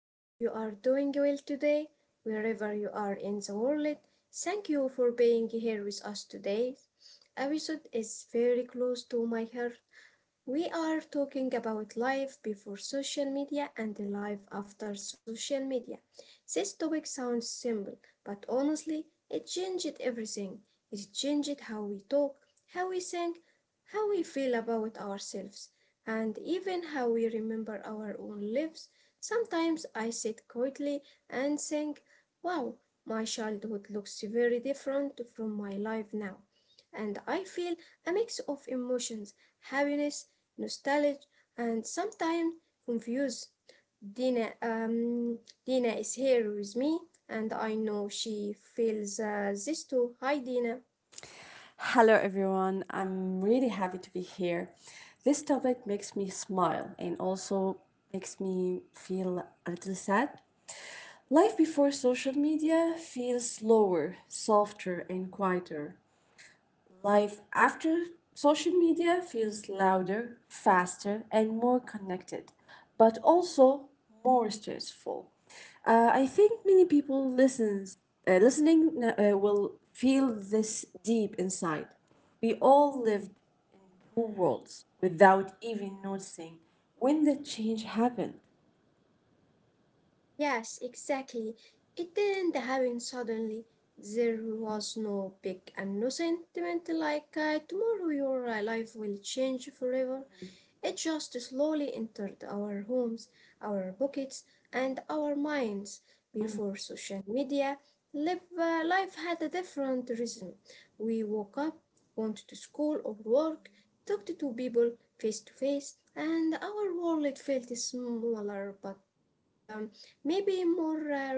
I hope you are doing well today, wherever you are in the world. Thank you for being here with us today. Episode is very close to my heart. We are talking about life before social media and life after social media. This topic sounds simple, but honestly, it changed everything. It changed how we talk, how we think, how we feel about ourselves, and even how we remember our own lives. Sometimes I sit quietly and think, wow, my childhood looks very different from my life now. And I feel a mix of emotions, happiness, nostalgia, and sometimes confused. Dina, Dina is here with me, and I know she feels this too. Hi, Dina. Hello, everyone. I'm really happy to be here. This topic makes me smile and also makes me feel a little sad. Life before social media feels slower, softer, and quieter. Life after social media feels louder, faster, and more connected, but also more stressful. I think many people listens, listening will feel this deep inside. We all lived in two worlds without even noticing when the change happened. Yes, exactly. It didn't happen suddenly. There was no big and no sentiment like, tomorrow your life will change forever. It just slowly entered our homes, our pockets, and our minds. Before social media, life had a different rhythm. We woke up, went to school or work, talked to people face to face, and our world felt smaller but maybe more real.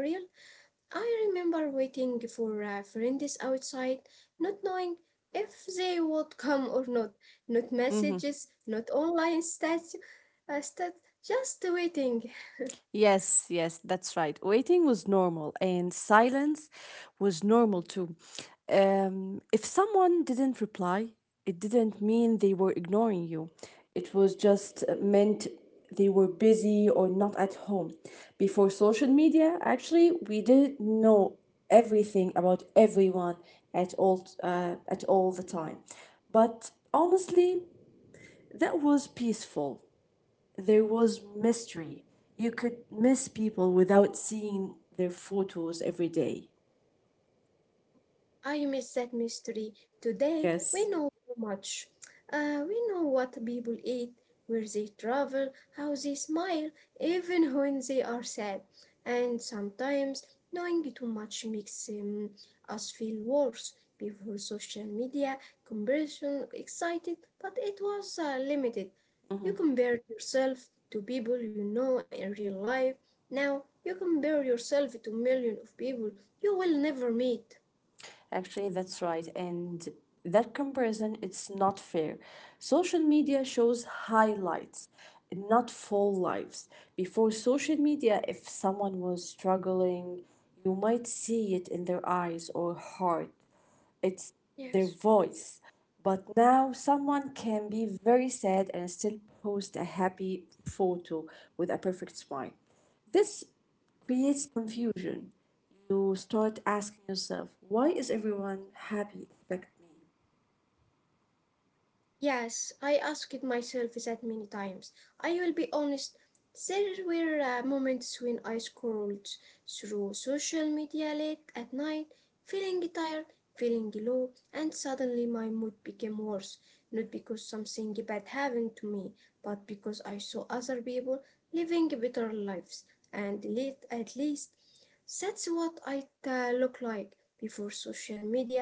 I remember waiting for friends outside, not knowing if they would come or not. Not messages, not online stats, stats, just waiting. Yes, yes, that's right. Waiting was normal and silence was normal too. If someone didn't reply, it didn't mean they were ignoring you. It was just meant they were busy or not at home. Before social media, actually, we didn't know everything about everyone at all the time. But honestly, that was peaceful there was mystery. You could miss people without seeing their photos every day. I miss that mystery. Today we Yes. know so much. We know what people eat, where they travel, how they smile, even when they are sad. And sometimes knowing too much makes us feel worse. Before social media, comparison excited, but it was limited. You compared yourself to people you know in real life. Now you compare yourself to millions of people you will never meet. Actually, that's right. And that comparison, it's not fair. Social media shows highlights, not full lives. Before social media, if someone was struggling, you might see it in their eyes or heart. It's their Yes. voice. But now someone can be very sad and still post a happy photo with a perfect smile. This creates confusion. You start asking yourself, why is everyone happy except me? Yes, I asked myself that many times. I will be honest, there were moments when I scrolled through social media late at night, feeling tired, feeling low, and suddenly my mood became worse. Not because something bad happened to me, but because I saw other people living better lives, and at least that's what I look like before social media.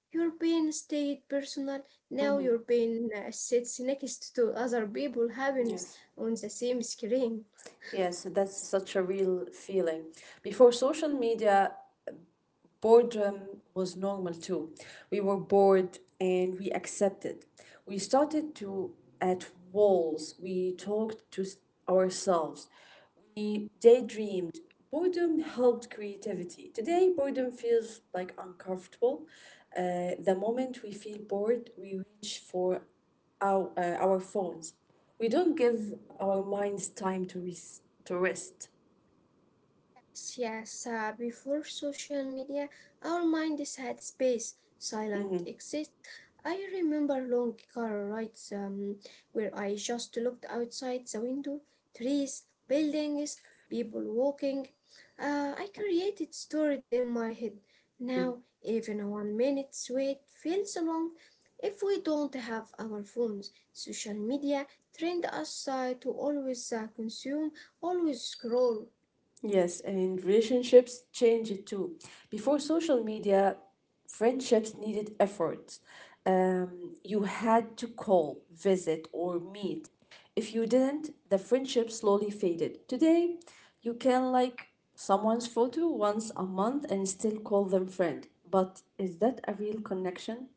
European stayed personal. Now Mm-hmm. European sits next to other people happiness Yes. on the same screen. Yes, that's such a real feeling. Before social media, boredom was normal too. We were bored and we accepted. We started to at walls. We talked to ourselves. We daydreamed. Boredom helped creativity. Today, boredom feels like uncomfortable. The moment we feel bored, we reach for our phones. We don't give our minds time to, to rest. Yes, yes. Before social media, our minds had space, silent exist. I remember long car rides where I just looked outside the window, trees, buildings, people walking. I created story in my head. Now, even a 1 minute's wait feels long. If we don't have our phones, social media trained us to always consume, always scroll. Yes, and relationships change it too. Before social media, friendships needed effort. You had to call, visit, or meet. If you didn't, the friendship slowly faded. Today, you can like someone's photo once a month and still call them friend. But is that a real connection?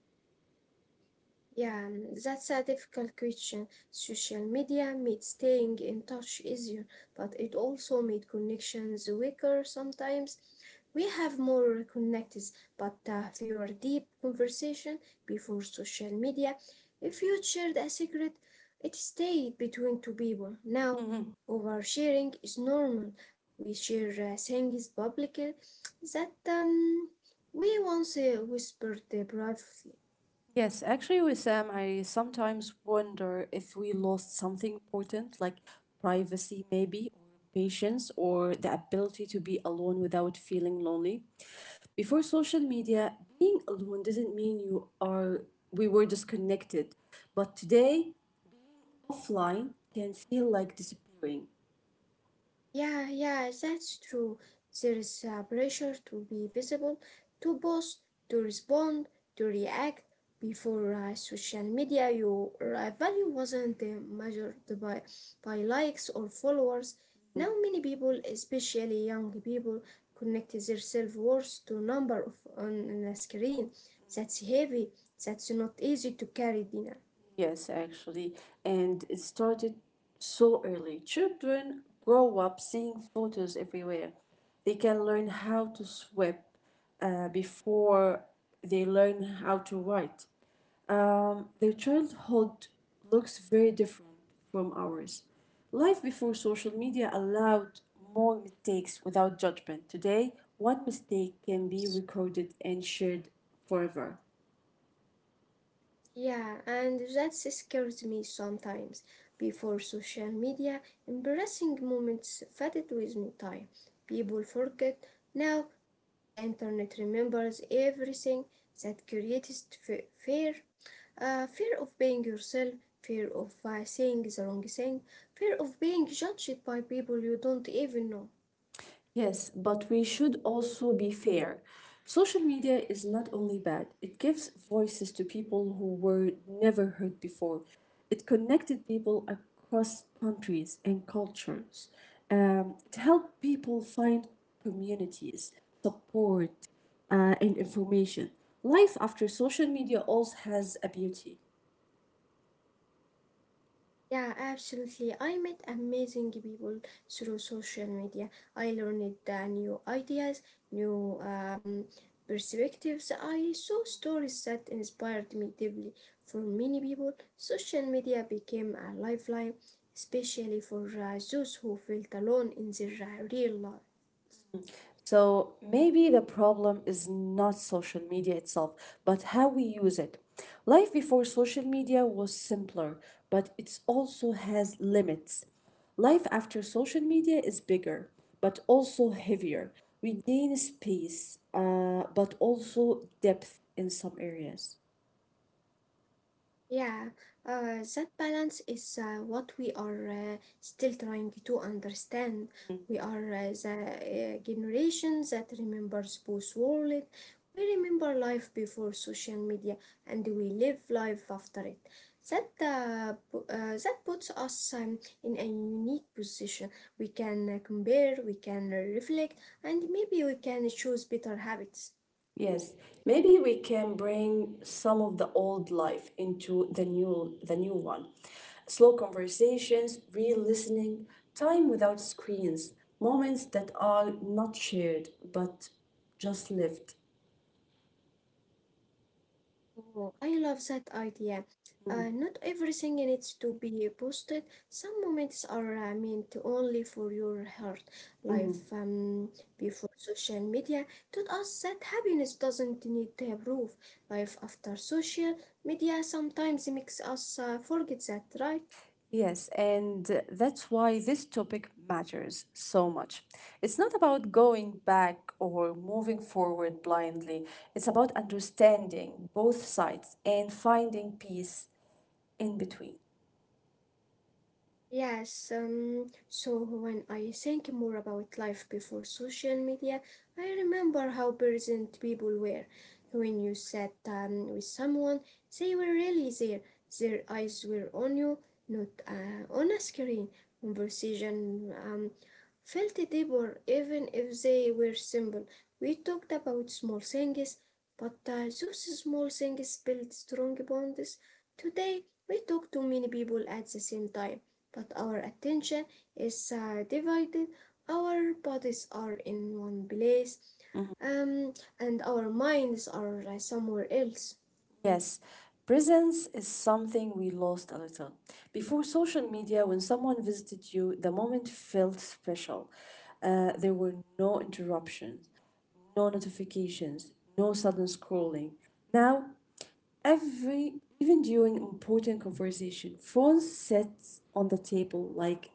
Yeah, mm, that's a difficult question. Social media made staying in touch easier, but it also made connections weaker sometimes. We have more connects, but fewer deep conversation before social media. If you shared a secret, it stayed between two people. Now, oversharing is normal. We share things publicly that we once whispered privately. Yes, actually, with Sam, I sometimes wonder if we lost something important, like privacy, maybe, or patience, or the ability to be alone without feeling lonely. Before social media, being alone doesn't mean you are we were disconnected, but today, offline can feel like disappearing. Yeah, yeah, that's true. There is a pressure to be visible, to post, to respond, to react. Before social media, your value wasn't measured by likes or followers. Now, many people, especially young people, connect their self worth to number of on a screen. That's heavy. That's not easy to carry, Dina. Yes, actually, and it started so early. Children grow up seeing photos everywhere. They can learn how to sweep before they learn how to write. Their childhood looks very different from ours. Life before social media allowed more mistakes without judgment. Today, one mistake can be recorded and shared forever. Yeah, and that scares me sometimes. Before social media, embarrassing moments faded with me time. People forget. Now the internet remembers everything that creates fear. Fear of being yourself, fear of saying the wrong thing, fear of being judged by people you don't even know. Yes, but we should also be fair. Social media is not only bad, it gives voices to people who were never heard before. It connected people across countries and cultures. It helped people find communities, support, and information. Life after social media also has a beauty. Yeah, absolutely. I met amazing people through social media. I learned new ideas, new perspectives. I saw stories that inspired me deeply. For many people, social media became a lifeline, especially for those who felt alone in their real life. So maybe the problem is not social media itself, but how we use it. Life before social media was simpler, but it also has limits. Life after social media is bigger, but also heavier. We gain space, but also depth in some areas. Yeah, that balance is what we are still trying to understand. We are the generation that remembers both worlds. We remember life before social media and we live life after it. That puts us in a unique position. We can compare, we can reflect, and maybe we can choose better habits. Yes, maybe we can bring some of the old life into the new one. Slow conversations, real listening, time without screens, moments that are not shared but just lived. Oh, I love that idea. Not everything needs to be posted. Some moments are meant only for your heart. Life before social media taught us that happiness doesn't need to proof. Life after social media sometimes makes us forget that, right? Yes, and that's why this topic matters so much. It's not about going back or moving forward blindly, it's about understanding both sides and finding peace in between. Yes, so when I think more about life before social media, I remember how present people were. When you sat with someone, they were really there. Their eyes were on you, not on a screen. Conversation felt deeper, even if they were simple. We talked about small things, but those small things built strong bonds. Today, we talk to many people at the same time but our attention is divided. Our bodies are in one place um, and our minds are somewhere else. Yes, presence is something we lost a little. Before social media, when someone visited you, the moment felt special. There were no interruptions, no notifications, no sudden scrolling. Now, every even during important conversation, phone sits on the table like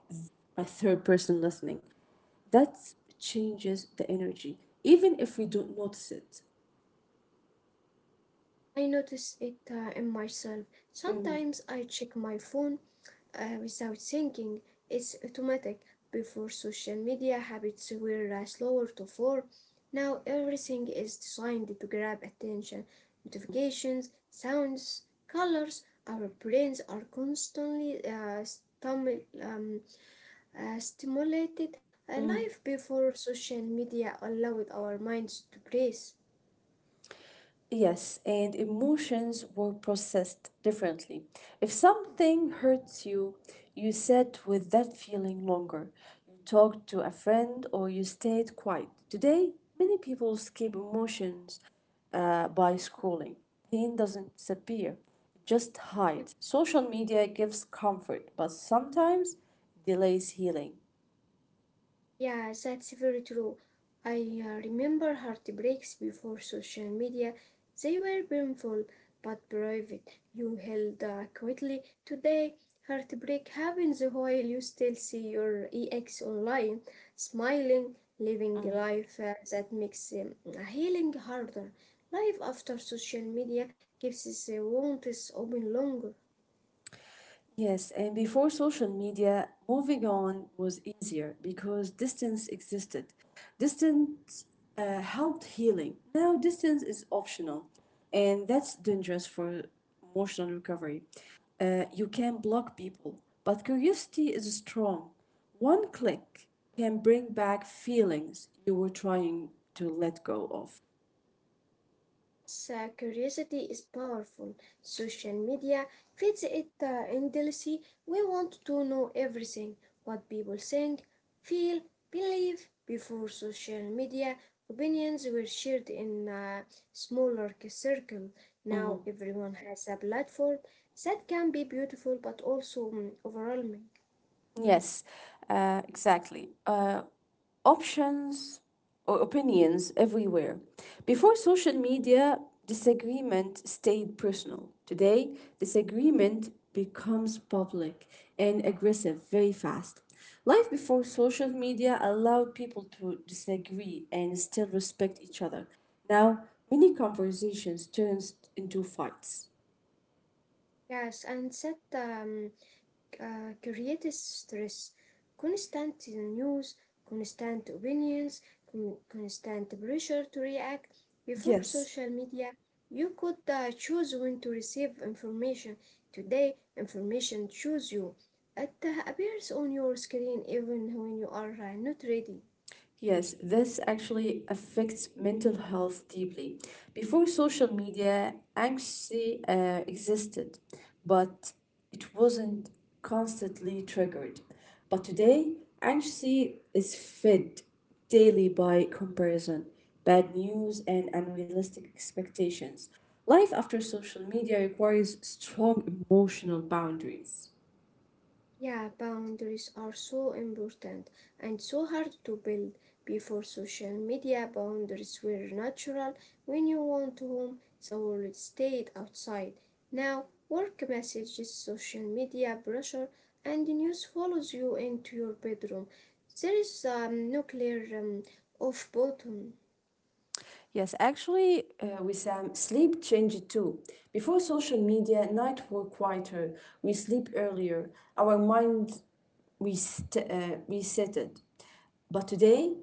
a third person listening. That changes the energy, even if we don't notice it. I notice it in myself. Sometimes I check my phone without thinking. It's automatic. Before social media, habits were slower to form. Now everything is designed to grab attention. Notifications, sounds, colors. Our brains are constantly stum- um, stimulated. Life before social media allowed our minds to breathe. Yes, and emotions were processed differently. If something hurts you, you sat with that feeling longer. You talked to a friend or you stayed quiet. Today, many people escape emotions by scrolling. Pain doesn't disappear, it just hides. Social media gives comfort, but sometimes delays healing. Yeah, that's very true. I remember heartbreaks before social media. They were painful but private. You held quietly. Today, heartbreak happens while you still see your ex online, smiling, living a life that makes healing harder. Life after social media keeps the wounds open longer. Yes, and before social media, moving on was easier because distance existed. Distance helped healing. Now, distance is optional, and that's dangerous for emotional recovery. You can block people, but curiosity is strong. One click can bring back feelings you were trying to let go of. So curiosity is powerful. Social media feeds it endlessly. We want to know everything what people think, feel, believe. Before social media, opinions were shared in a circle. Now everyone has a platform. That can be beautiful but also overwhelming. Yes, exactly. Options or opinions everywhere. Before social media, disagreement stayed personal. Today, disagreement becomes public and aggressive very fast. Life before social media allowed people to disagree and still respect each other. Now, many conversations turns into fights. Yes, and that creates stress. Constant news, constant opinions, constant pressure to react. Before Yes. social media, you could choose when to receive information. Today, information chooses you. It appears on your screen even when you are not ready. Yes, this actually affects mental health deeply. Before social media, anxiety existed, but it wasn't constantly triggered. But today, anxiety is fed daily by comparison, bad news, and unrealistic expectations. Life after social media requires strong emotional boundaries. Yeah, boundaries are so important and so hard to build. Before social media, boundaries were natural. When you went home, the world stayed outside. Now, work messages, social media pressure, and the news follows you into your bedroom. There is a nuclear off button. Yes, actually, Wissam, sleep changed too. Before social media, night were quieter. We sleep earlier. Our mind resetted. But today,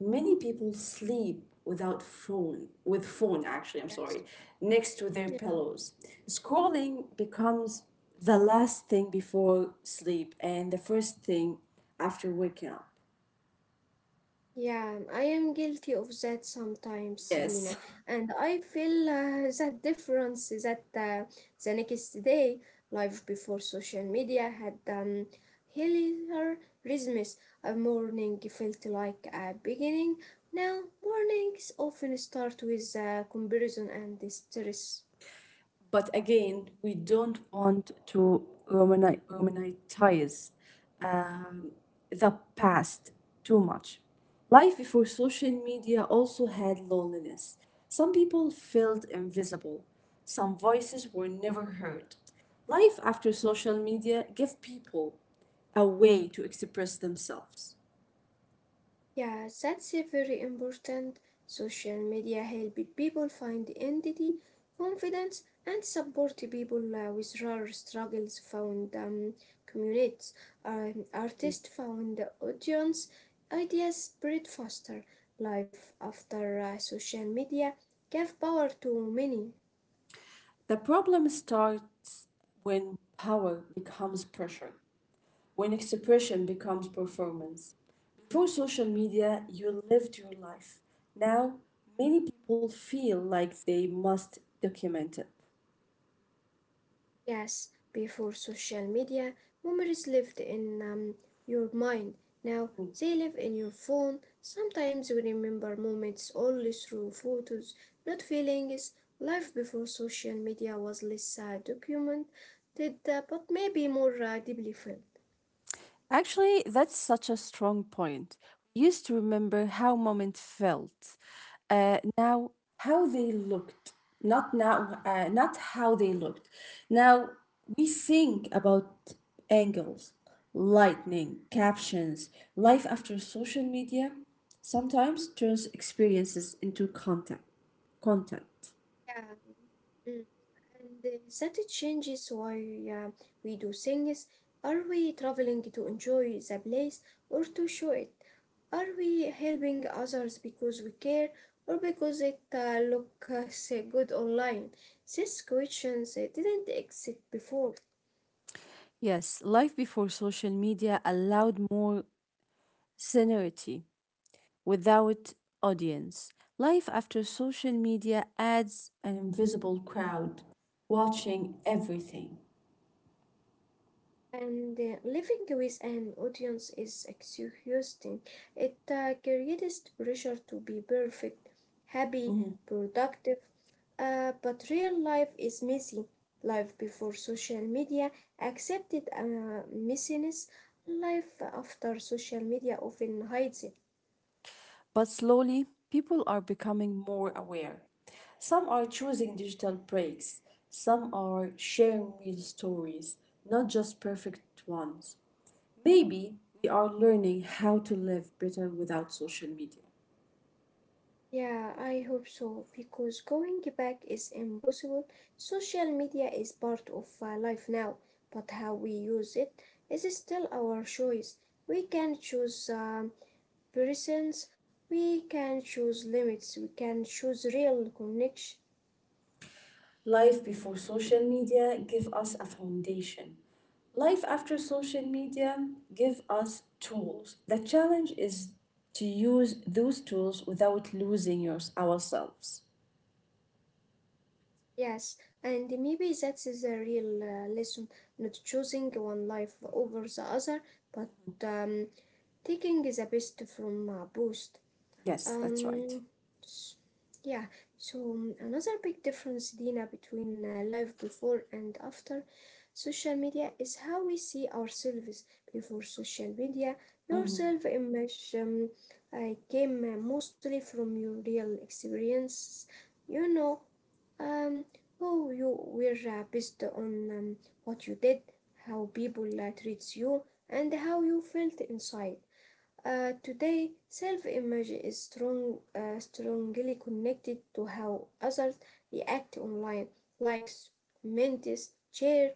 many people sleep without phone, with phone actually, I'm Yes. sorry, next to their pillows. Scrolling becomes the last thing before sleep and the first thing after waking up. Yeah, I am guilty of that sometimes, Dina, Yes. and I feel that difference that, the next day, life before social media had heavier rhythms. A morning felt like a beginning. Now, mornings often start with comparison and stress. But again, we don't want to romanticize um, the past too much. Life before social media also had loneliness. Some people felt invisible, some voices were never heard. Life after social media gave people a way to express themselves. Yeah, that's a very important. Social media helped people find identity, confidence, and support people with rare struggles, found communities, artists found audience, ideas spread faster. Life after social media gave power to many. The problem starts when power becomes pressure. When expression becomes performance. Before social media, you lived your life. Now, many people feel like they must document it. Yes, before social media, memories lived in your mind. Now they live in your phone. Sometimes we remember moments only through photos, not feelings. Life before social media was less documented, but maybe more deeply felt. Actually, that's such a strong point. We used to remember how moments felt. Uh, now, how they looked. Not now, not how they looked. Now, we think about angles, lightning, captions. Life after social media sometimes turns experiences into content. Content. Yeah, mm, and that it changes why uh, we do things. Are we traveling to enjoy the place or to show it? Are we helping others because we care or because it looks good online? These questions didn't exist before, Yes, life before social media allowed more scenery. Without audience. Life after social media adds an invisible crowd watching everything. and living with an audience is exhausting. It creates pressure to be perfect, happy, productive. But real life is messy. Life before social media accepted messiness. Life after social media often hides it. But slowly, people are becoming more aware. Some are choosing digital breaks, some are sharing real stories, not just perfect ones. Maybe we are learning how to live better without social media. Yeah, I hope so because going back is impossible. Social media is part of life now, but how we use it is still our choice. We can choose presence, we can choose limits, we can choose real connection. Life before social media give us a foundation. Life after social media give us tools. The challenge is to use those tools without losing yours ourselves. Yes, and maybe that is a real lesson, not choosing one life over the other, but um, taking the best from both. Yes, that's right. Um, s- yeah, so another big difference, Dina, between life before and after social media is how we see ourselves. Before social media, your self image came mostly from your real experiences, you know, um, who you were based on what you did, how people treats you, and how you felt inside. Today, self-image is strongly connected to how others react online, likes, comments, share.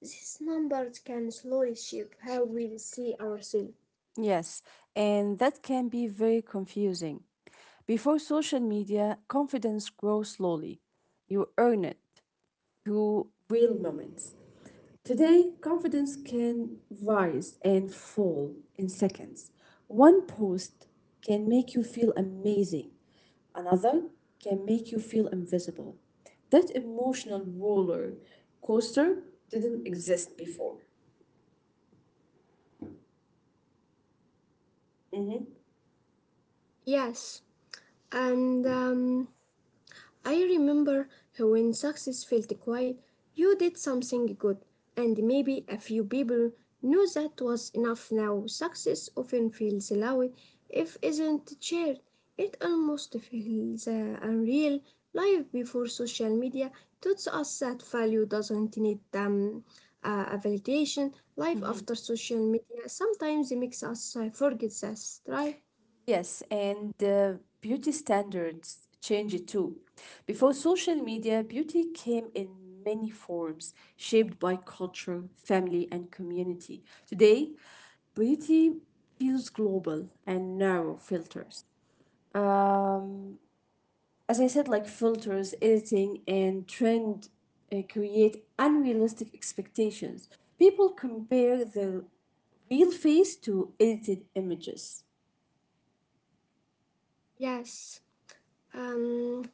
These numbers can slowly shape how we see ourselves. Yes, and that can be very confusing. Before social media, confidence grows slowly. You earn it. Through real moments. Today, confidence can rise and fall in seconds. One post can make you feel amazing, another can make you feel invisible. That emotional roller coaster didn't exist before. Yes, and I remember how when success felt quiet, you did something good, and maybe a few people knew that was enough now. Success often feels loud if isn't shared. It almost feels unreal. Life before social media taught us that value doesn't need a validation. Life after social media sometimes makes us forget that, right? Yes, and beauty standards change too. Before social media, beauty came in many forms, shaped by culture, family, and community. Today, beauty feels global and narrow filters. Um, as I said, like filters, editing, and trend create unrealistic expectations. People compare their real face to edited images. Yes. Um,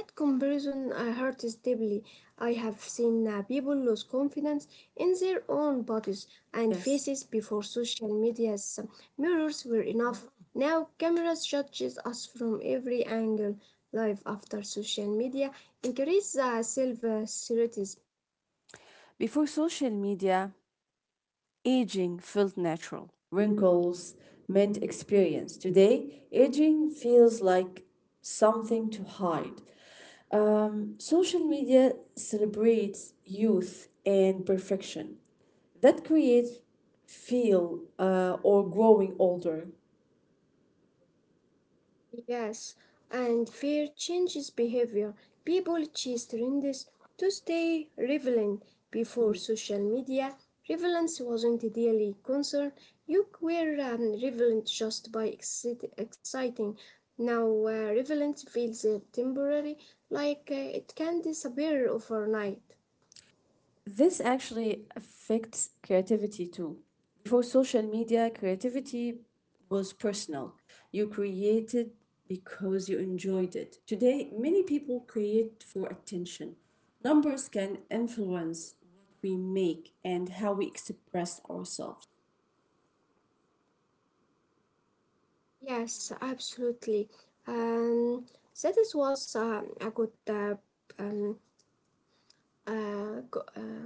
That comparison hurts deeply. I have seen people lose confidence in their own bodies and Yes. faces before social media's mirrors were enough. Now cameras judges us from every angle. Life after social media increases self-certainty. Before social media, aging felt natural. Wrinkles meant experience. Today, aging feels like something to hide. Social media celebrates youth and perfection. That creates feel or growing older. Yes, and fear changes behavior. People chase trends to stay relevant. Before social media, relevance wasn't a daily concern. You were relevant just by exciting. Now, relevance feels temporary, like it can disappear overnight. This actually affects creativity too. Before social media, creativity was personal. You created because you enjoyed it. Today, many people create for attention. Numbers can influence what we make and how we express ourselves. Yes, absolutely. Um, that is was a good um, uh, go- uh,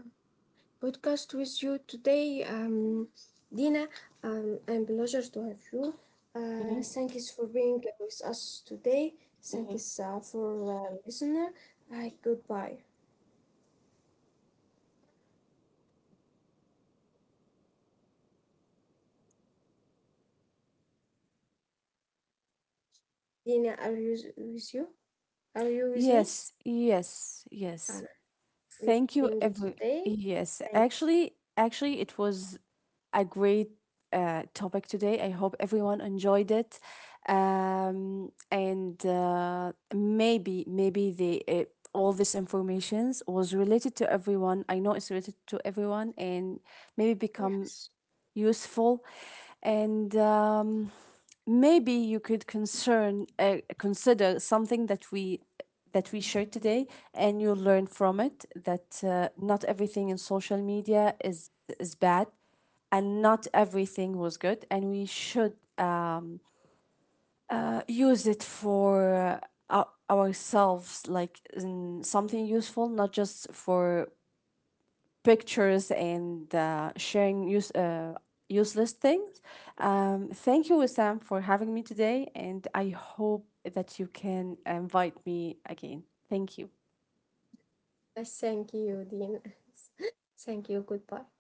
podcast with you today. Dina, I'm pleasure to have you. Thank you for being with us today. Thank you for listener. Hi, goodbye. Dina, are you with you? Are you with me? Yes, yes, Uh, yes. we Thank think you, it every today. yes. Thank. Actually, it was a great topic today. I hope everyone enjoyed it, and maybe the all this informations was related to everyone. I know it's related to everyone, and maybe become Yes. useful and maybe you could concern consider something that we shared today and you'll learn from it that not everything in social media is bad and not everything was good and we should use it for uh, ourselves like in something useful not just for pictures and useless things. Thank you, Sam, for having me today, and I hope that you can invite me again. Thank you. Thank you, Dina. Thank you. Goodbye.